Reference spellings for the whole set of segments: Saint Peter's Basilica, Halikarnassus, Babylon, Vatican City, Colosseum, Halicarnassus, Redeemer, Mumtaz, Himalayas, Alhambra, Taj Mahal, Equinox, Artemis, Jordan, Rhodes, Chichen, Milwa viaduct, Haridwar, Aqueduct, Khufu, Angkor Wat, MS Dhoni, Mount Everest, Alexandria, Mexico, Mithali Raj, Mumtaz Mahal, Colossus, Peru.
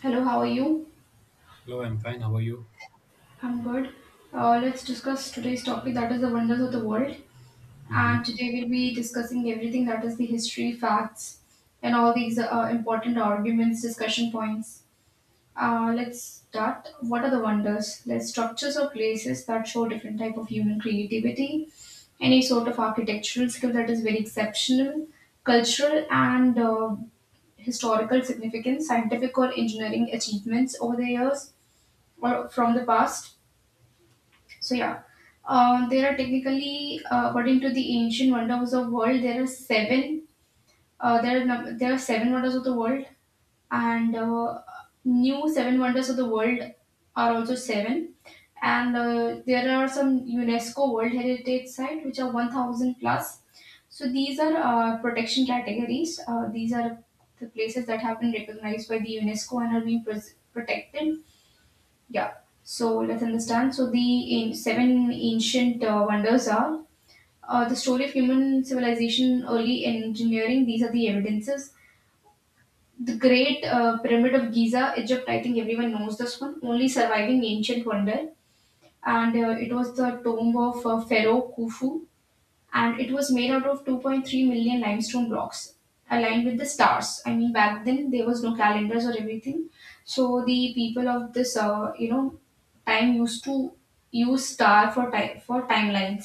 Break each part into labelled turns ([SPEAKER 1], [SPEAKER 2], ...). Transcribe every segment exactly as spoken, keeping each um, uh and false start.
[SPEAKER 1] Hello, how are you?
[SPEAKER 2] Hello, I'm fine. How are you?
[SPEAKER 1] I'm good. Uh, let's discuss today's topic, that is the wonders of the world. And
[SPEAKER 2] hmm
[SPEAKER 1] today we'll be discussing everything, that is the history, facts, and all these uh, important arguments, discussion points. Uh, let's start. What are the wonders? There's structures or places that show different type of human creativity, any sort of architectural skill that is very exceptional, cultural and uh, historical significance, scientific or engineering achievements over the years or from the past. So yeah, uh, there are technically, uh, according to the ancient wonders of the world, there are seven. Uh, there are num- there are seven wonders of the world, and uh, new seven wonders of the world are also seven. And uh, there are some UNESCO World Heritage Site which are one thousand plus. So these are uh, protection categories. Uh, these are the places that have been recognized by the UNESCO and are being pres- protected, yeah. So let's understand. So the an- seven ancient uh, wonders are uh, the story of human civilization, early engineering. These are the evidences. The Great uh, Pyramid of Giza, Egypt. I think everyone knows this one. Only surviving ancient wonder, and uh, it was the tomb of uh, Pharaoh Khufu, and it was made out of two point three million limestone blocks aligned with the stars. I mean, back then there was no calendars or everything, so the people of this uh, you know time used to use star for time for timelines.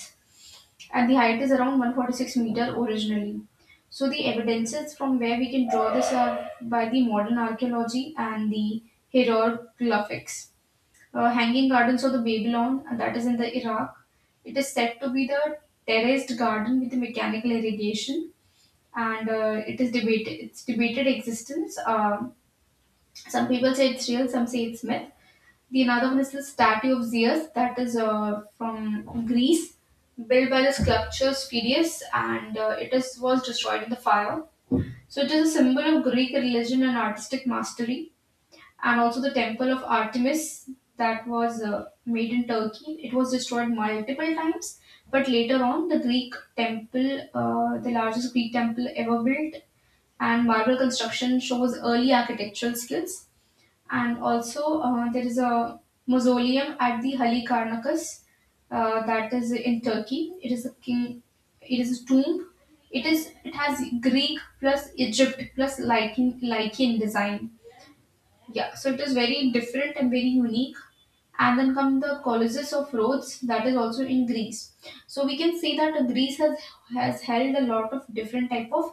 [SPEAKER 1] And the height is around one hundred forty-six meter originally. So the evidences from where we can draw this are by the modern archaeology and the hieroglyphics. uh, Hanging Gardens of the Babylon, and that is in the Iraq. It is said to be the terraced garden with mechanical irrigation, and uh, it is debated. It's debated existence. Um, some people say it's real, some say it's myth. The another one is the statue of Zeus, that is uh, from Greece, built by the sculptor Phidias, and uh, it is was destroyed in the fire. So it is a symbol of Greek religion and artistic mastery. And also the temple of Artemis, that was uh, made in Turkey. It was destroyed multiple times, but later on, the Greek temple, uh, the largest Greek temple ever built, and marble construction shows early architectural skills. And also, uh, there is a mausoleum at the Halikarnassus, uh, that is in Turkey. It is a king. It is a tomb. It is. It has Greek plus Egypt plus Lycan Lycan design, yeah, so it is very different and very unique. And then come the Colossus of Rhodes, that is also in Greece. So we can see that Greece has has held a lot of different type of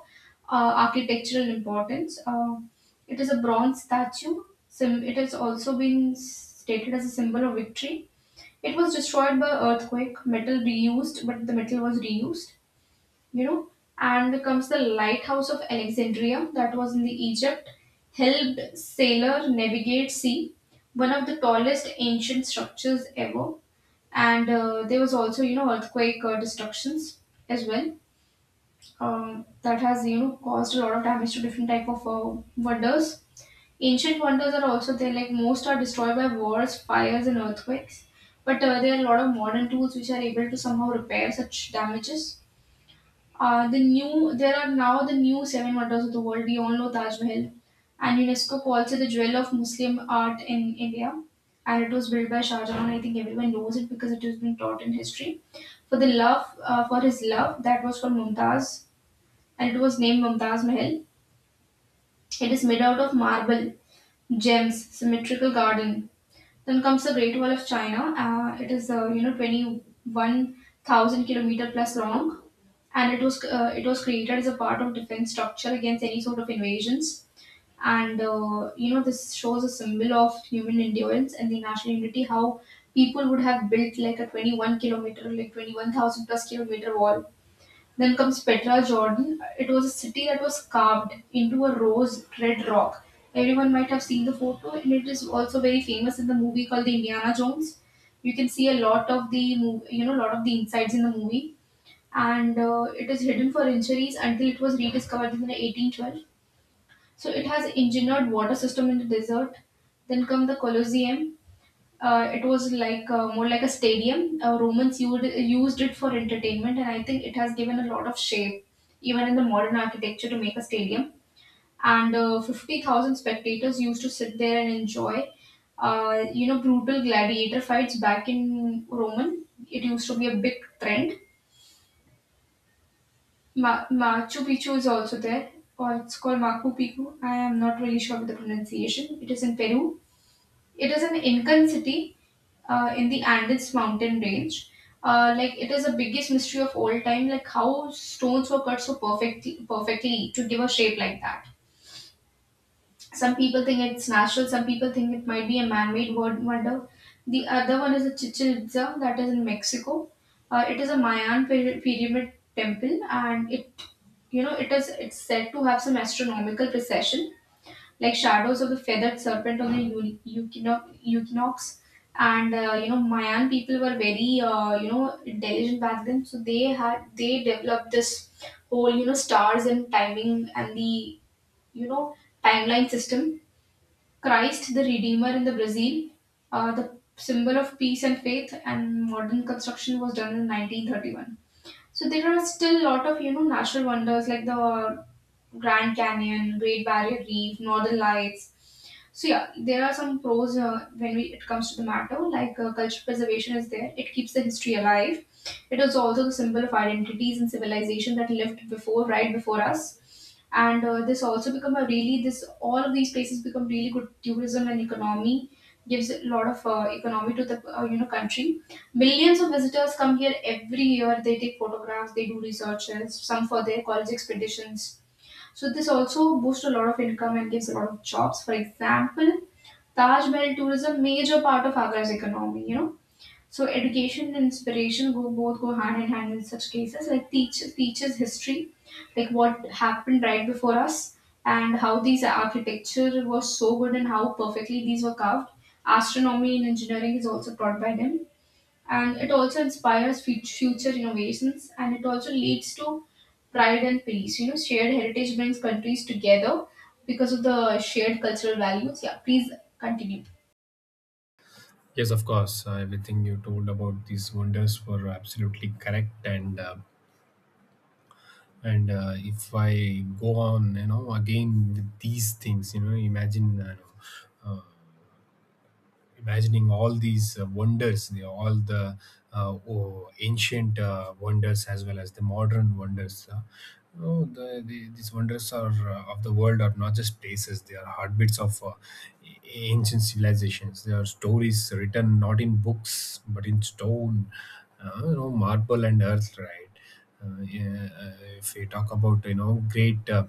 [SPEAKER 1] uh, architectural importance. Uh, it is a bronze statue. Sim- it has also been stated as a symbol of victory. It was destroyed by earthquake. Metal reused, but the metal was reused, you know and comes the lighthouse of Alexandria, that was in the Egypt. Helped sailor navigate sea, one of the tallest ancient structures ever. And uh, there was also, you know, earthquake uh, destructions as well. Um, that has, you know, caused a lot of damage to different type of uh, wonders. Ancient wonders are also there, like most are destroyed by wars, fires and earthquakes, but uh, there are a lot of modern tools which are able to somehow repair such damages. Uh, the new there are now the new seven wonders of the world. We all know Taj Mahal, and UNESCO calls it the jewel of Muslim art in India. And it was built by Shah Jahan. I think everyone knows it because it has been taught in history. For the love, uh, for his love, that was for Mumtaz, and it was named Mumtaz Mahal. It is made out of marble, gems, symmetrical garden. Then comes the Great Wall of China. Uh, it is, uh, you know, twenty one thousand kilometer plus long, and it was, uh, it was created as a part of defense structure against any sort of invasions. And uh, you know, this shows a symbol of human endurance and the national unity. How people would have built like a twenty-one kilometer like twenty-one thousand plus kilometer wall. Then comes Petra, Jordan. It was a city that was carved into a rose red rock. Everyone might have seen the photo, and it is also very famous in the movie called the Indiana Jones. You can see a lot of the mov- you know lot of the insides in the movie. And uh, it is hidden for centuries until it was rediscovered in eighteen twelve. So it has engineered water system in the desert. Then come the Colosseum. Uh, it was like, uh, more like a stadium. Uh, Romans used, used it for entertainment, and I think it has given a lot of shape, even in the modern architecture, to make a stadium. And uh, fifty thousand spectators used to sit there and enjoy, uh, you know, brutal gladiator fights back in Roman. It used to be a big trend. Ma- Machu Picchu is also there, or it's called Machu Picchu. I am not really sure with the pronunciation. It is in Peru. It is an Incan city uh, in the Andes mountain range. Uh, like, it is the biggest mystery of all time, like how stones were cut so perfectly, perfectly to give a shape like that. Some people think it's natural, some people think it might be a man made wonder. The other one is a Chichen Itza, that is in Mexico. Uh, it is a Mayan pyra- pyramid temple, and it you know it is it's said to have some astronomical precession, like shadows of the feathered serpent on the eu- euchino- equinox. And uh, you know, Mayan people were very, uh, you know intelligent back then, so they had they developed this whole, you know, stars and timing and the, you know, timeline system. Christ the Redeemer in the Brazil, uh, the symbol of peace and faith, and modern construction was done in nineteen thirty-one. So there are still a lot of, you know, natural wonders like the Grand Canyon, Great Barrier Reef, Northern Lights. So yeah, there are some pros uh, when we, it comes to the matter. Like, uh, culture preservation is there; it keeps the history alive. It is also the symbol of identities and civilization that lived before, right before us. And uh, this also become a really this all of these places become really good tourism and economy. Gives a lot of uh, economy to the, uh, you know country. Millions of visitors come here every year. They take photographs, they do researches, some for their college expeditions. So this also boosts a lot of income and gives a lot of jobs. For example, Taj Mahal tourism major part of Agra's economy, you know. So education and inspiration go both go hand in hand in such cases. Like teach teaches history, like what happened right before us, and how these architecture was so good and how perfectly these were carved. Astronomy and engineering is also taught by them, and it also inspires fut- future innovations, and it also leads to pride and peace. You know, shared heritage brings countries together because of the shared cultural values. Yeah, please continue.
[SPEAKER 2] Yes, of course. Uh, everything you told about these wonders were absolutely correct, and uh, and uh, if I go on, you know, again with these things, you know, imagine uh, imagining all these uh, wonders, the, all the uh, oh, ancient uh, wonders as well as the modern wonders. Uh, no, the, the, These wonders are uh, of the world are not just places; they are heartbeats of uh, a- ancient civilizations. They are stories written not in books but in stone, uh, you know, marble and earth, right? Uh, yeah, uh, if we talk about, you know, great uh,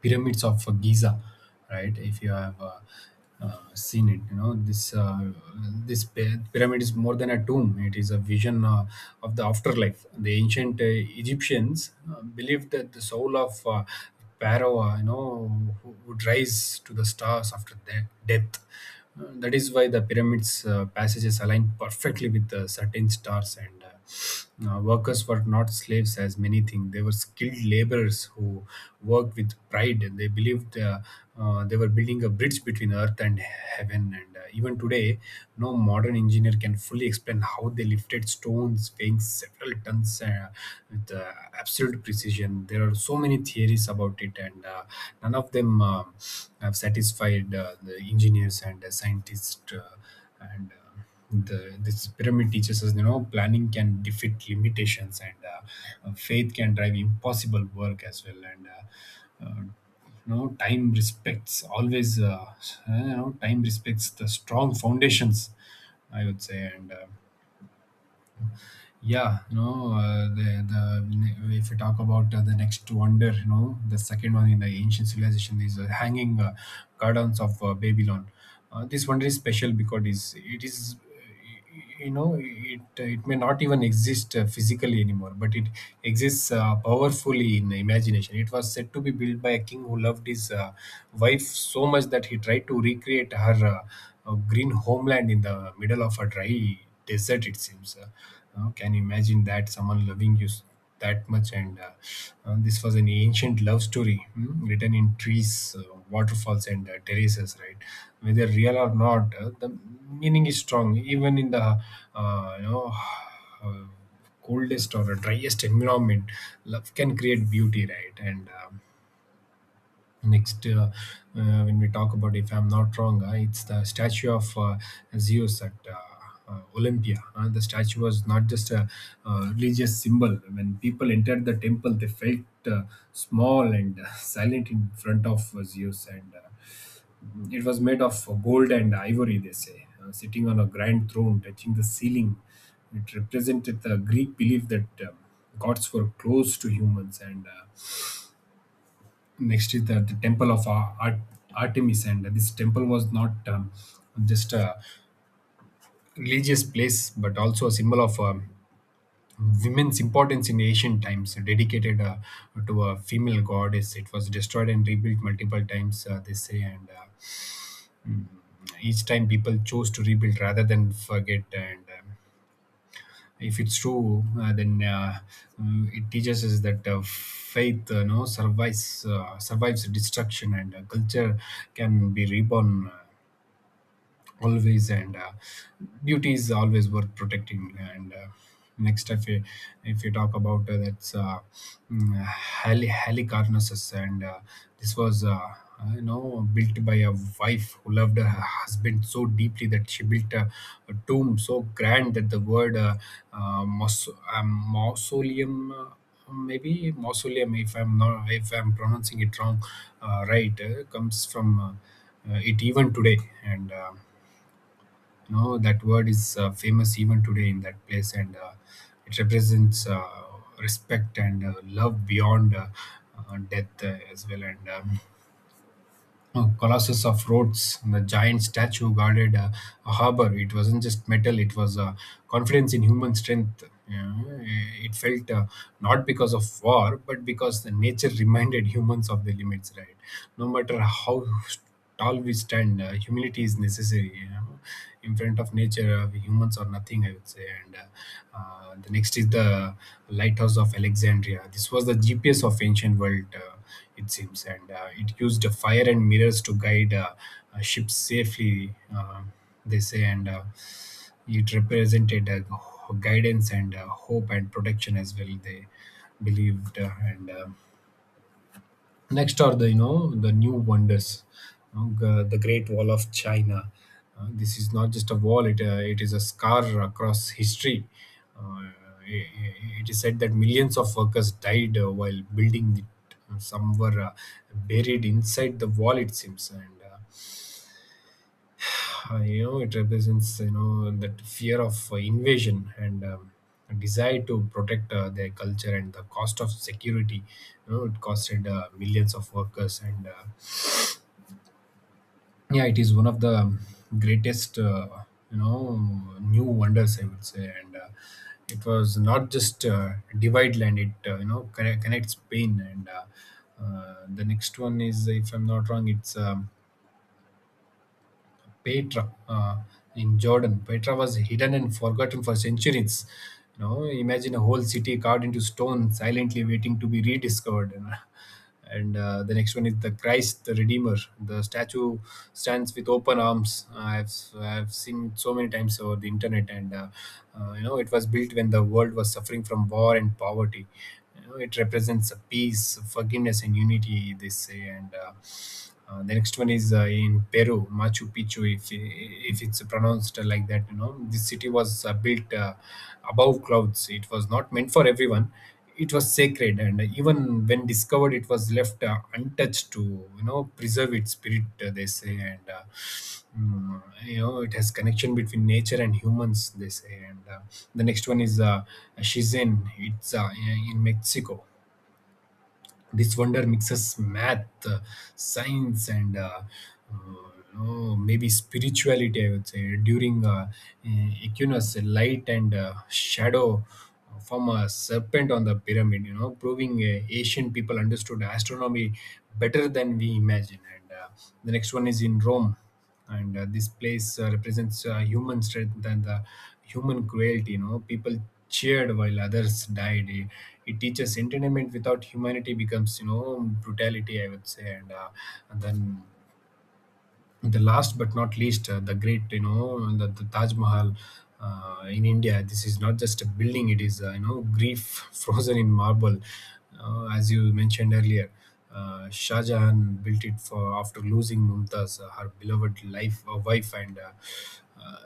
[SPEAKER 2] pyramids of uh, Giza, right? If you have uh, uh, seen it, you know, this uh, this py- pyramid is more than a tomb; it is a vision uh, of the afterlife. The ancient uh, Egyptians uh, believed that the soul of uh, Pharaoh, uh, you know, who would rise to the stars after de- death. Uh, that is why the pyramids uh, passages align perfectly with the certain stars, and uh, uh, workers were not slaves, as many think. They were skilled laborers who worked with pride. And They believed uh, uh, they were building a bridge between earth and heaven. And uh, even today, no modern engineer can fully explain how they lifted stones weighing several tons uh, with uh, absolute precision. There are so many theories about it, and uh, none of them uh, have satisfied uh, the engineers and uh, scientists. Uh, and uh, the this pyramid teaches us, you know, planning can defeat limitations, and uh, uh, faith can drive impossible work as well, and uh, uh, you know time respects always uh, you know, time respects the strong foundations, I would say. And uh, yeah, no, uh, the, the if you talk about uh, the next wonder, you know, the second one in the ancient civilization is uh, hanging uh, gardens of uh, Babylon. Uh, this wonder is special because it is, it is, you know, it it may not even exist uh, physically anymore, but it exists uh, powerfully in imagination. It was said to be built by a king who loved his uh, wife so much that he tried to recreate her uh, uh, green homeland in the middle of a dry desert, it seems. Uh, uh, can you imagine that someone loving you s- that much? And uh, uh, this was an ancient love story, hmm, written in trees, uh, waterfalls, and uh, terraces, right? Whether real or not, uh, the meaning is strong. Even in the uh, you know uh, coldest or driest environment, love can create beauty, right? And um, next, uh, uh, when we talk about, if I'm not wrong, uh, it's the statue of uh, Zeus at uh, uh, Olympia. Uh, the statue was not just a uh, religious symbol. When people entered the temple, they felt uh, small and uh, silent in front of uh, Zeus, and uh, it was made of gold and ivory. They say, uh, sitting on a grand throne, touching the ceiling. It represented the Greek belief that uh, gods were close to humans. And uh, next is the, the temple of Ar- Ar- Artemis. And this temple was not um, just a religious place, but also a symbol of um, women's importance in ancient times, dedicated uh, to a female goddess. It was destroyed and rebuilt multiple times, uh, they say, and uh, each time people chose to rebuild rather than forget. And um, if it's true, uh, then uh, mm, it teaches us that uh, faith uh, no survives uh, survives destruction, and uh, culture can be reborn. Uh, always. And uh, beauty is always worth protecting. And uh, next if you if you talk about uh, that's uh, mm, uh, Hali- halicarnassus. And uh, this was uh, uh, you know, built by a wife who loved her husband so deeply that she built a, a tomb so grand that the word uh, uh, maus- um, mausoleum, uh, maybe mausoleum if I'm not, if I'm pronouncing it wrong, uh, right, uh, comes from uh, uh, it Even today, and uh, no, that word is uh, famous even today in that place, and uh, it represents uh, respect and uh, love beyond uh, uh, death uh, as well. And um, oh, Colossus of Rhodes, the giant statue guarded uh, a harbor. It wasn't just metal; it was uh, confidence in human strength. Yeah, it felt uh, not because of war, but because the nature reminded humans of their limits. Right? No matter how tall we stand, uh, humility is necessary. You know? In front of nature, uh, humans are nothing, I would say. And uh, uh, the next is the lighthouse of Alexandria. This was the GPS of ancient world, uh, it seems, and uh, it used uh, fire and mirrors to guide uh, uh, ships safely, uh, they say, and uh, it represented uh, guidance and uh, hope and protection as well, they believed. Uh, and um, Next are, the you know, the new wonders. You know, g- the great wall of China. Uh, this is not just a wall, it, uh, it is a scar across history. Uh, i- i- it is said that millions of workers died uh, while building it. Uh, some were uh, buried inside the wall, it seems. And uh, uh, you know, it represents, you know, that fear of uh, invasion, and um, a desire to protect uh, their culture and the cost of security. You know, it costed uh, millions of workers. And uh, yeah, it is one of the greatest uh, you know new wonders, I would say. And uh, it was not just uh, divide land. It uh, you know, connect, connects Spain. And uh, uh, the next one is, if I'm not wrong, it's um, Petra uh, in Jordan. Petra was hidden and forgotten for centuries. You know, imagine a whole city carved into stone, silently waiting to be rediscovered. You know. And uh, the next one is the Christ, the Redeemer. The statue stands with open arms. I've I've seen it so many times over the internet. And uh, uh, you know, it was built when the world was suffering from war and poverty. You know, it represents a peace, forgiveness, and unity, they say. And uh, uh, the next one is uh, in Peru, Machu Picchu. If if it's pronounced like that. You know, this city was uh, built uh, above clouds. It was not meant for everyone. It was sacred, and even when discovered, it was left uh, untouched to, you know, preserve its spirit, uh, they say. And uh, mm, you know, it has connection between nature and humans, they say. And uh, the next one is uh, Chichen. It's uh, in Mexico. This wonder mixes math, uh, science, and uh, uh, no, maybe spirituality, I would say. During uh, e- Equinox, light and uh, shadow form a serpent on the pyramid, you know, proving uh, ancient people understood astronomy better than we imagine. And uh, the next one is in Rome. And uh, this place uh, represents uh, human strength and the human cruelty. You know, people cheered while others died. It, it teaches entertainment without humanity becomes, you know, brutality, I would say. And, uh, and then, the last but not least, uh, the great you know the, the Taj Mahal uh, in India. This is not just a building. It is, uh, you know, grief frozen in marble, uh, as you mentioned earlier. uh, Shah Jahan built it for, after losing Mumtaz, uh, her beloved life uh, wife. And uh, uh,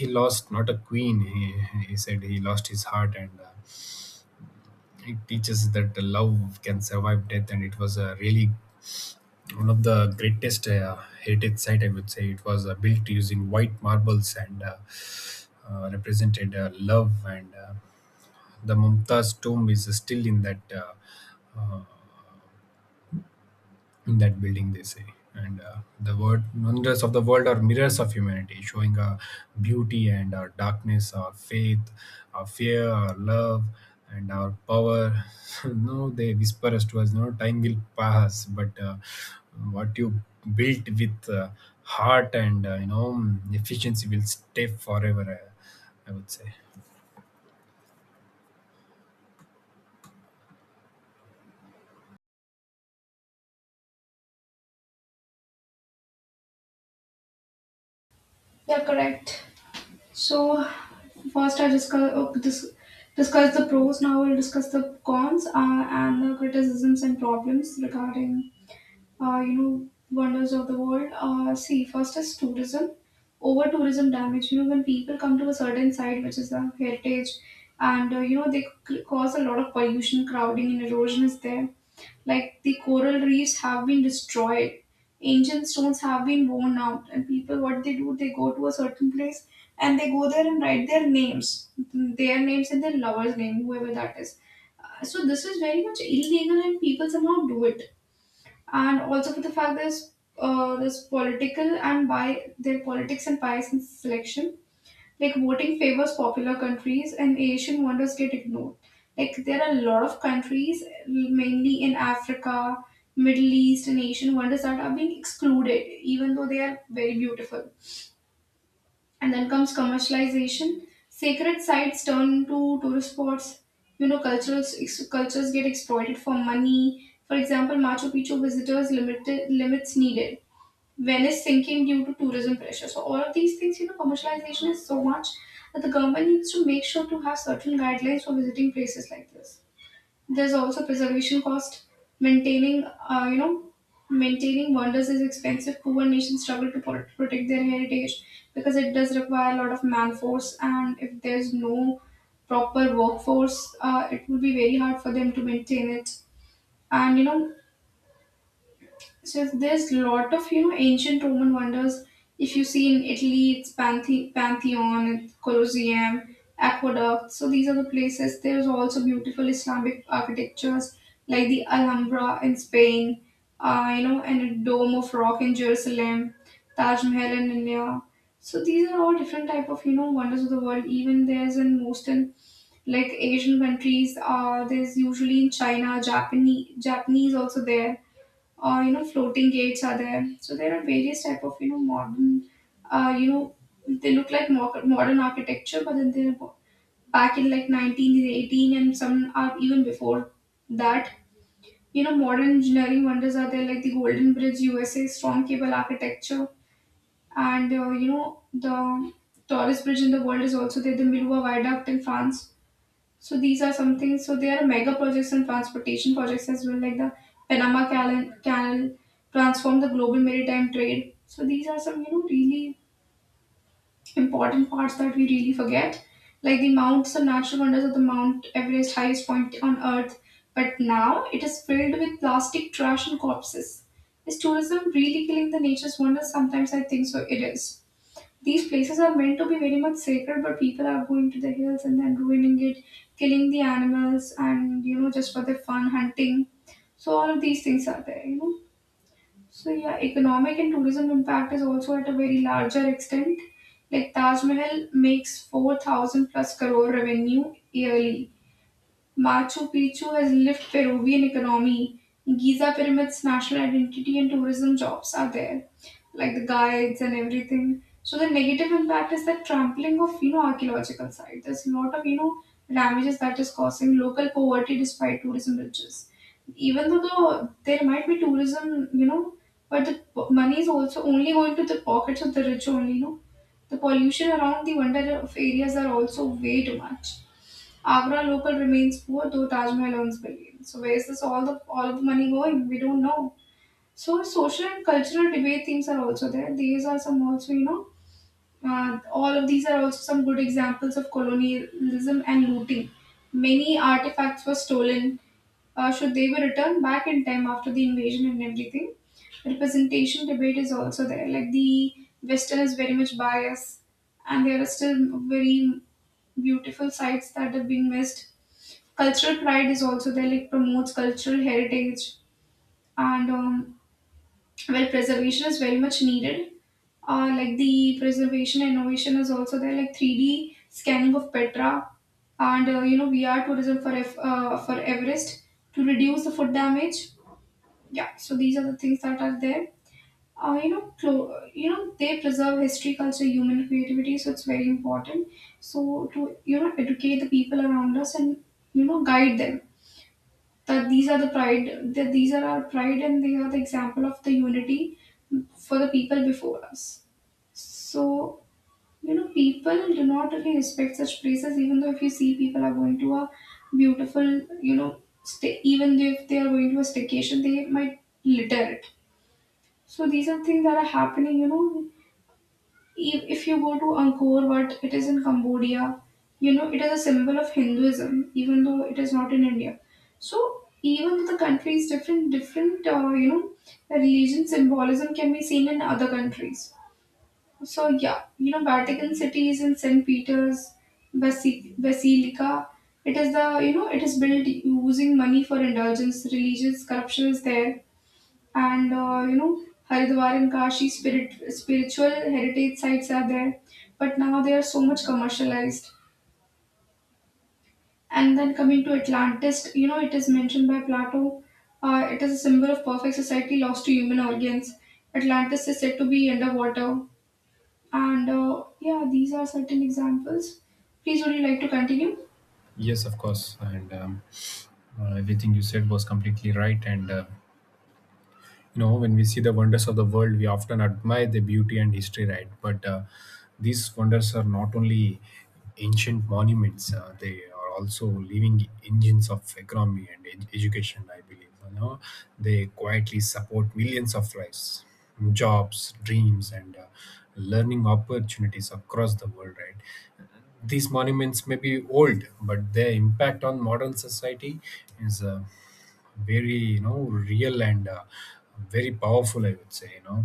[SPEAKER 2] he lost not a queen, he, he said he lost his heart. And uh, it teaches that the love can survive death. And it was a really one of the greatest uh, heritage site, I would say. It was uh, built using white marbles, and uh, uh, represented uh, love, and uh, the Mumtaz tomb is still in that uh, in that building, they say. And uh, the word wonders of the world are mirrors of humanity, showing our beauty and our darkness, our faith, our fear, our love, and our power. no They whisper us to us, no time will pass, but uh, what you built with uh, heart and uh, you know, efficiency will stay forever, uh, I would say.
[SPEAKER 1] Yeah, correct. So first I discuss oh, this discuss the pros, now I'll discuss the cons uh, and the criticisms and problems regarding, uh, you know, wonders of the world. Uh, see, first is tourism. Over tourism damage, you know, when people come to a certain site, which is a heritage, and, uh, you know, they c- cause a lot of pollution, crowding, and erosion is there. Like the coral reefs have been destroyed, ancient stones have been worn out, and people, what they do, they go to a certain place and they go there and write their names, their names and their lover's name, whoever that is. Uh, so this is very much illegal, and people somehow do it. And also for the fact there's, uh, there's political and by their politics and bias in selection. Like voting favors popular countries and Asian wonders get ignored. Like there are a lot of countries, mainly in Africa, Middle East, and Asian wonders that are being excluded, even though they are very beautiful. And then comes commercialization. Sacred sites turn to tourist spots. You know, cultures ex- cultures get exploited for money. For example, Machu Picchu visitors limited limits needed. Venice sinking due to tourism pressure. So all of these things, you know, commercialization is so much that the government needs to make sure to have certain guidelines for visiting places like this. There's also preservation cost. Maintaining, uh, you know, maintaining wonders is expensive. Poor nations struggle to pro- protect their heritage because it does require a lot of man force, and if there's no proper workforce, uh, it would be very hard for them to maintain it. And you know, so there's a lot of you know ancient Roman wonders. If you see in Italy, it's Panthe- Pantheon, Colosseum, Aqueduct. So these are the places. There's also beautiful Islamic architectures like the Alhambra in Spain, uh, you know, and a Dome of Rock in Jerusalem, Taj Mahal in India. So these are all different type of you know wonders of the world. Even there's in most in like Asian countries. Uh, there's usually in China, Japanese, Japanese also there or you know floating gates are there, so there are various type of you know modern, uh, you know they look like mo- modern architecture, but then they're bo- back in like nineteen eighteen, and some are even before that. You know, modern engineering wonders are there, like the golden bridge USA strong cable architecture, and uh, you know the tallest bridge in the world is also there, the milwa viaduct in France. So these are some things. So there are mega projects and transportation projects as well, like the Panama Canal. Canal transform the global maritime trade. So these are some you know really important parts that we really forget, like the mounts, some natural wonders of the Mount Everest, highest point on Earth. But now it is filled with plastic trash and corpses. Is tourism really killing the nature's wonders? Sometimes I think so. It is. These places are meant to be very much sacred, but people are going to the hills and then ruining it, killing the animals, and you know, just for the fun, hunting. So, all of these things are there, you know. So, yeah, economic and tourism impact is also at a very larger extent. Like Taj Mahal makes four thousand plus crore revenue yearly. Machu Picchu has lived Peruvian economy. Giza pyramids, national identity, and tourism jobs are there, like the guides and everything. So the negative impact is that trampling of you know archaeological site. There's a lot of you know damages that is causing local poverty despite tourism riches. Even though the, there might be tourism, you know, but the p- money is also only going to the pockets of the rich only. You know, the pollution around the wonder of areas are also way too much. Agra local remains poor, though Taj Mahal earns billions. So where is this all the all of the money going? We don't know. So social and cultural debate themes are also there. These are some also, you know. Uh, all of these are also some good examples of colonialism and looting. Many artifacts were stolen. Uh, should they be returned back in time after the invasion and everything? Representation debate is also there. Like the Western is very much biased, and there are still very beautiful sites that have been missed. Cultural pride is also there, like promotes cultural heritage, and um, where preservation is very much needed. Uh, like the preservation innovation is also there, like three D scanning of Petra, and uh, you know V R tourism for F, uh, for Everest, to reduce the food damage. Yeah, so these are the things that are there. Uh, you know, clo- you know they preserve history, culture, human creativity, so it's very important. So to you know educate the people around us and you know guide them, that these are the pride that these are our pride and they are the example of the unity for the people before us. So, you know, people do not really respect such places, even though if you see, people are going to a beautiful, you know stay even if they are going to a staycation, they might litter it. So these are things that are happening, you know. If if you go to Angkor Wat, it is in Cambodia. You know, it is a symbol of Hinduism, even though it is not in India. So even though the country is different, different, uh, you know, religion symbolism can be seen in other countries. So yeah, you know, Vatican City is in Saint Peter's Basi- Basilica. It is the, you know it is built using money for indulgence, religious corruption is there, and uh, you know Haridwar and Kashi spirit spiritual heritage sites are there, but now they are so much commercialized. And then coming to Atlantis, you know, it is mentioned by Plato. Uh, it is a symbol of perfect society lost to human organs. Atlantis is said to be underwater, and uh, yeah, these are certain examples. Please, would you like to continue?
[SPEAKER 2] Yes, of course. And um, uh, everything you said was completely right. And uh, you know, when we see the wonders of the world, we often admire the beauty and history, right? But uh, these wonders are not only ancient monuments. Uh, they are also living engines of economy and ed- education, I believe. You know, they quietly support millions of lives, jobs, dreams, and uh, learning opportunities across the world, right? These monuments may be old, but their impact on modern society is uh, very you know real and uh, very powerful, I would say. You know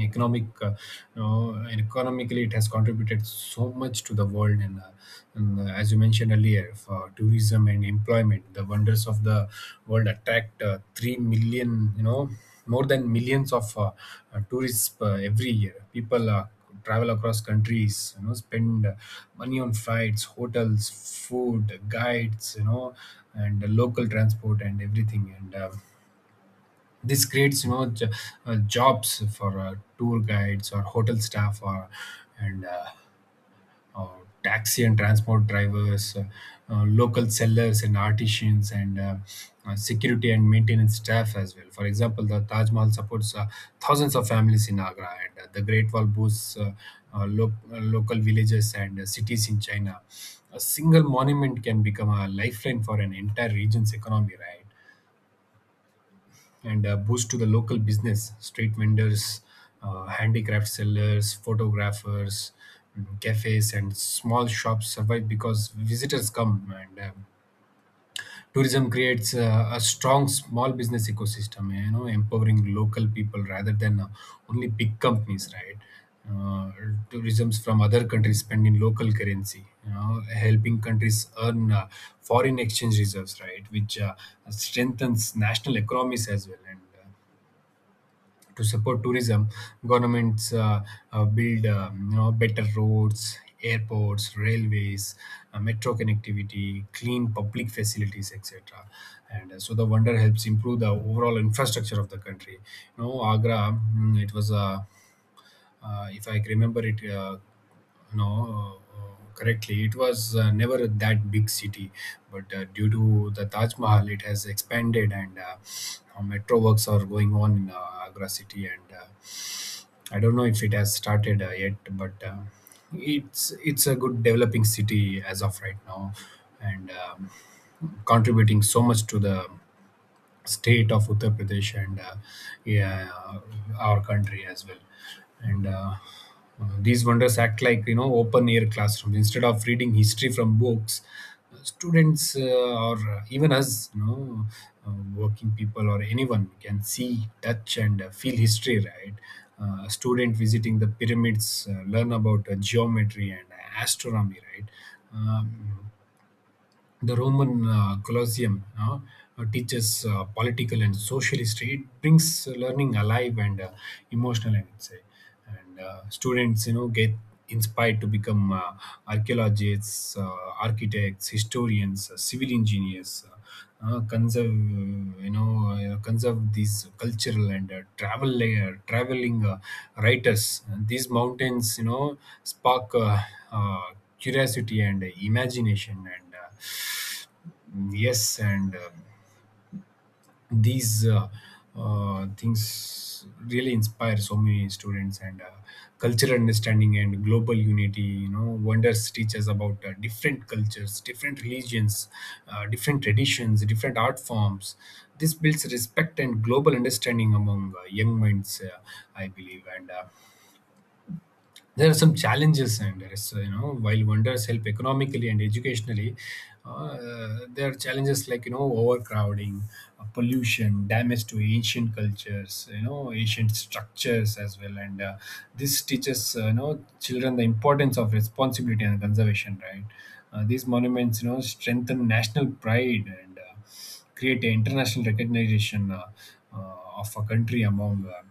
[SPEAKER 2] economic uh, you know, and Economically, it has contributed so much to the world, and, uh, and uh, as you mentioned earlier, for tourism and employment the wonders of the world attract uh, three million, you know more than millions of uh, uh, tourists uh, every year. People uh, travel across countries, you know, spend uh, money on flights, hotels, food, guides, you know, and uh, local transport and everything. And um, This creates, you know, j- uh, jobs for uh, tour guides or hotel staff, or and uh, or taxi and transport drivers, uh, uh, local sellers and artisans, and uh, uh, security and maintenance staff as well. For example, the Taj Mahal supports uh, thousands of families in Agra, and uh, the Great Wall boosts uh, uh, lo- uh, local villages and uh, cities in China. A single monument can become a lifeline for an entire region's economy, right? And uh, boost to the local business, street vendors, uh, handicraft sellers, photographers, mm, cafes and small shops survive because visitors come. And um, Tourism creates uh, a strong small business ecosystem, you know, empowering local people rather than uh, only big companies, right? uh, Tourisms from other countries spend in local currency, you know, helping countries earn uh, foreign exchange reserves, right, which uh, strengthens national economies as well. And uh, To support tourism, governments uh, uh, build, um, you know, better roads, airports, railways, uh, metro connectivity, clean public facilities, et cetera. And uh, so the wonder helps improve the overall infrastructure of the country. You know, Agra, mm, it was a— uh, if I remember it, uh, no, uh, correctly, it was uh, never that big city, but uh, due to the Taj Mahal, it has expanded, and uh, uh, metro works are going on in uh, Agra city, and uh, I don't know if it has started uh, yet, but uh, it's it's a good developing city as of right now, and um, contributing so much to the state of Uttar Pradesh, and uh, yeah, uh, our country as well. And uh, uh, These wonders act like, you know, open air classrooms. Instead of reading history from books, uh, students, uh, or even us, you know, uh, working people or anyone, can see, touch, and uh, feel history. Right, uh, a student visiting the pyramids uh, learn about uh, geometry and uh, astronomy. Right. Um, the Roman uh, Colosseum uh, uh, teaches uh, political and social history. It brings learning alive and uh, emotional, I would say. And uh, students, you know, get inspired to become uh, archaeologists, uh, architects, historians, uh, civil engineers. Uh, uh, conserve, uh, you know, uh, conserve these cultural and, uh, travel layer, traveling uh, writers. And these mountains, you know, spark uh, uh, curiosity and imagination. And uh, Yes, and uh, these uh, uh, things really inspire so many students, and uh, cultural understanding and global unity. You know, wonders teach us about uh, different cultures, different religions, uh, different traditions, different art forms. This builds respect and global understanding among uh, young minds, uh, I believe. And uh, there are some challenges, and there is, uh, you know, while wonders help economically and educationally, uh, there are challenges like, you know, overcrowding, uh, pollution, damage to ancient cultures, you know, ancient structures as well, and uh, this teaches, uh, you know, children the importance of responsibility and conservation. Right, uh, these monuments, you know, strengthen national pride, and uh, create international recognition uh, uh, of a country among Uh,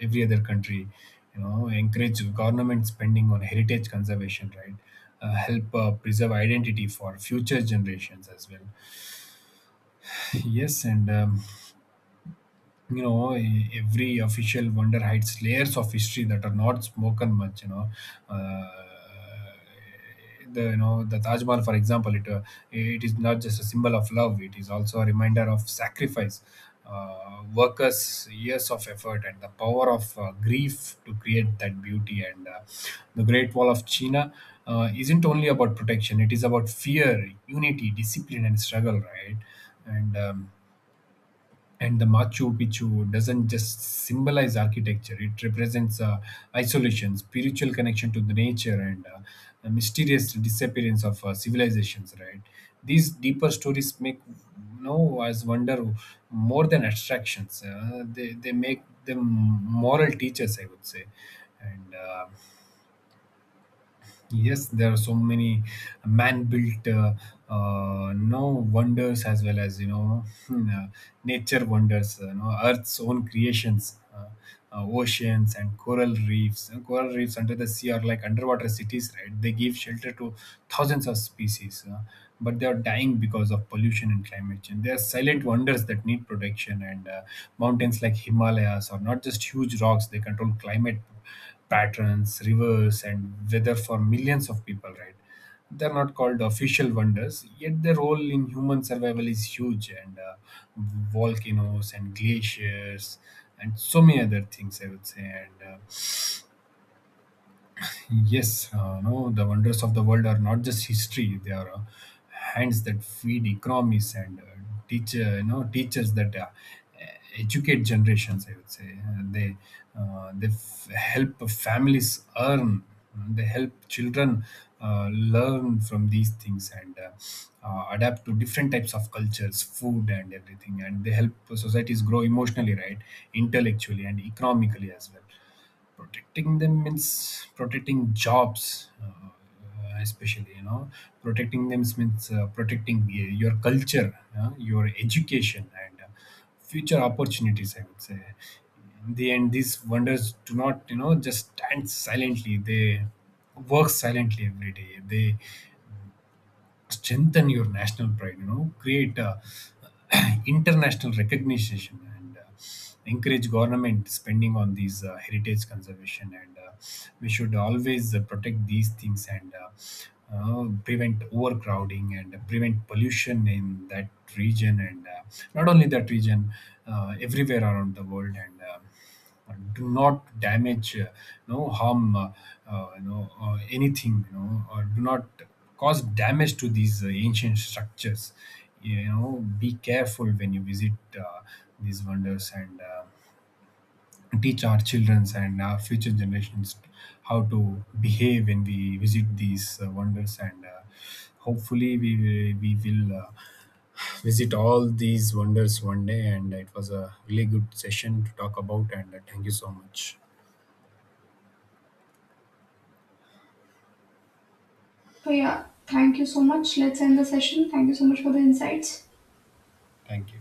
[SPEAKER 2] every other country, you know. Encourage government spending on heritage conservation, right, uh, help uh, preserve identity for future generations as well. Yes, and um, you know, e- every official wonder hides layers of history that are not spoken much, you know. Uh, the you know the Taj Mahal, for example, it uh, it is not just a symbol of love, it is also a reminder of sacrifice, uh, workers' years of effort and the power of uh, grief to create that beauty. And uh, the Great Wall of China uh, isn't only about protection, it is about fear, unity, discipline and struggle, right? And um, and the Machu Picchu doesn't just symbolize architecture; it represents uh, isolation, spiritual connection to the nature, and uh, the mysterious disappearance of uh, civilizations. Right? These deeper stories make no as wonder more than abstractions. Uh, they they make them moral teachers, I would say. And. Uh, Yes, there are so many man-built uh, uh, no wonders as well as, you know, uh, nature wonders. uh, You know, Earth's own creations, uh, uh, oceans and coral reefs. And coral reefs under the sea are like underwater cities, right? They give shelter to thousands of species, uh, but they are dying because of pollution and climate change. They are silent wonders that need protection. And uh, Mountains like Himalayas are not just huge rocks; they control climate patterns, rivers, and weather for millions of people, right? They're not called official wonders, yet their role in human survival is huge, and uh, volcanoes and glaciers and so many other things, I would say. And uh, Yes, uh, no, the wonders of the world are not just history. They are uh, hands that feed economies, and uh, teacher, you know, teachers that uh, educate generations, I would say. Uh, they uh, they f- help families earn. They help children uh, learn from these things, and uh, uh, adapt to different types of cultures, food, and everything. And they help societies grow emotionally, right, intellectually, and economically as well. Protecting them means protecting jobs, uh, especially, you know, protecting them means uh, protecting y- your culture, uh, your education, and uh, future opportunities, I would say. In the end, these wonders do not, you know, just stand silently, they work silently every day. They strengthen your national pride, you know, create uh, international recognition, and uh, encourage government spending on these uh, heritage conservation, and uh, we should always uh, protect these things, and uh, uh, prevent overcrowding and prevent pollution in that region, and uh, not only that region, uh, everywhere around the world. And uh, do not damage, uh, no harm, uh, uh, you know, uh, anything. You know, uh, do not cause damage to these uh, ancient structures. You know, be careful when you visit uh, these wonders. And. Uh, teach our childrens and our future generations how to behave when we visit these uh, wonders, and uh, hopefully we will- we will uh, visit all these wonders one day. And it was a really good session to talk about. And uh, Thank you so much.
[SPEAKER 1] So yeah, thank you so much. Let's end the session. Thank you so much for the insights.
[SPEAKER 2] Thank you.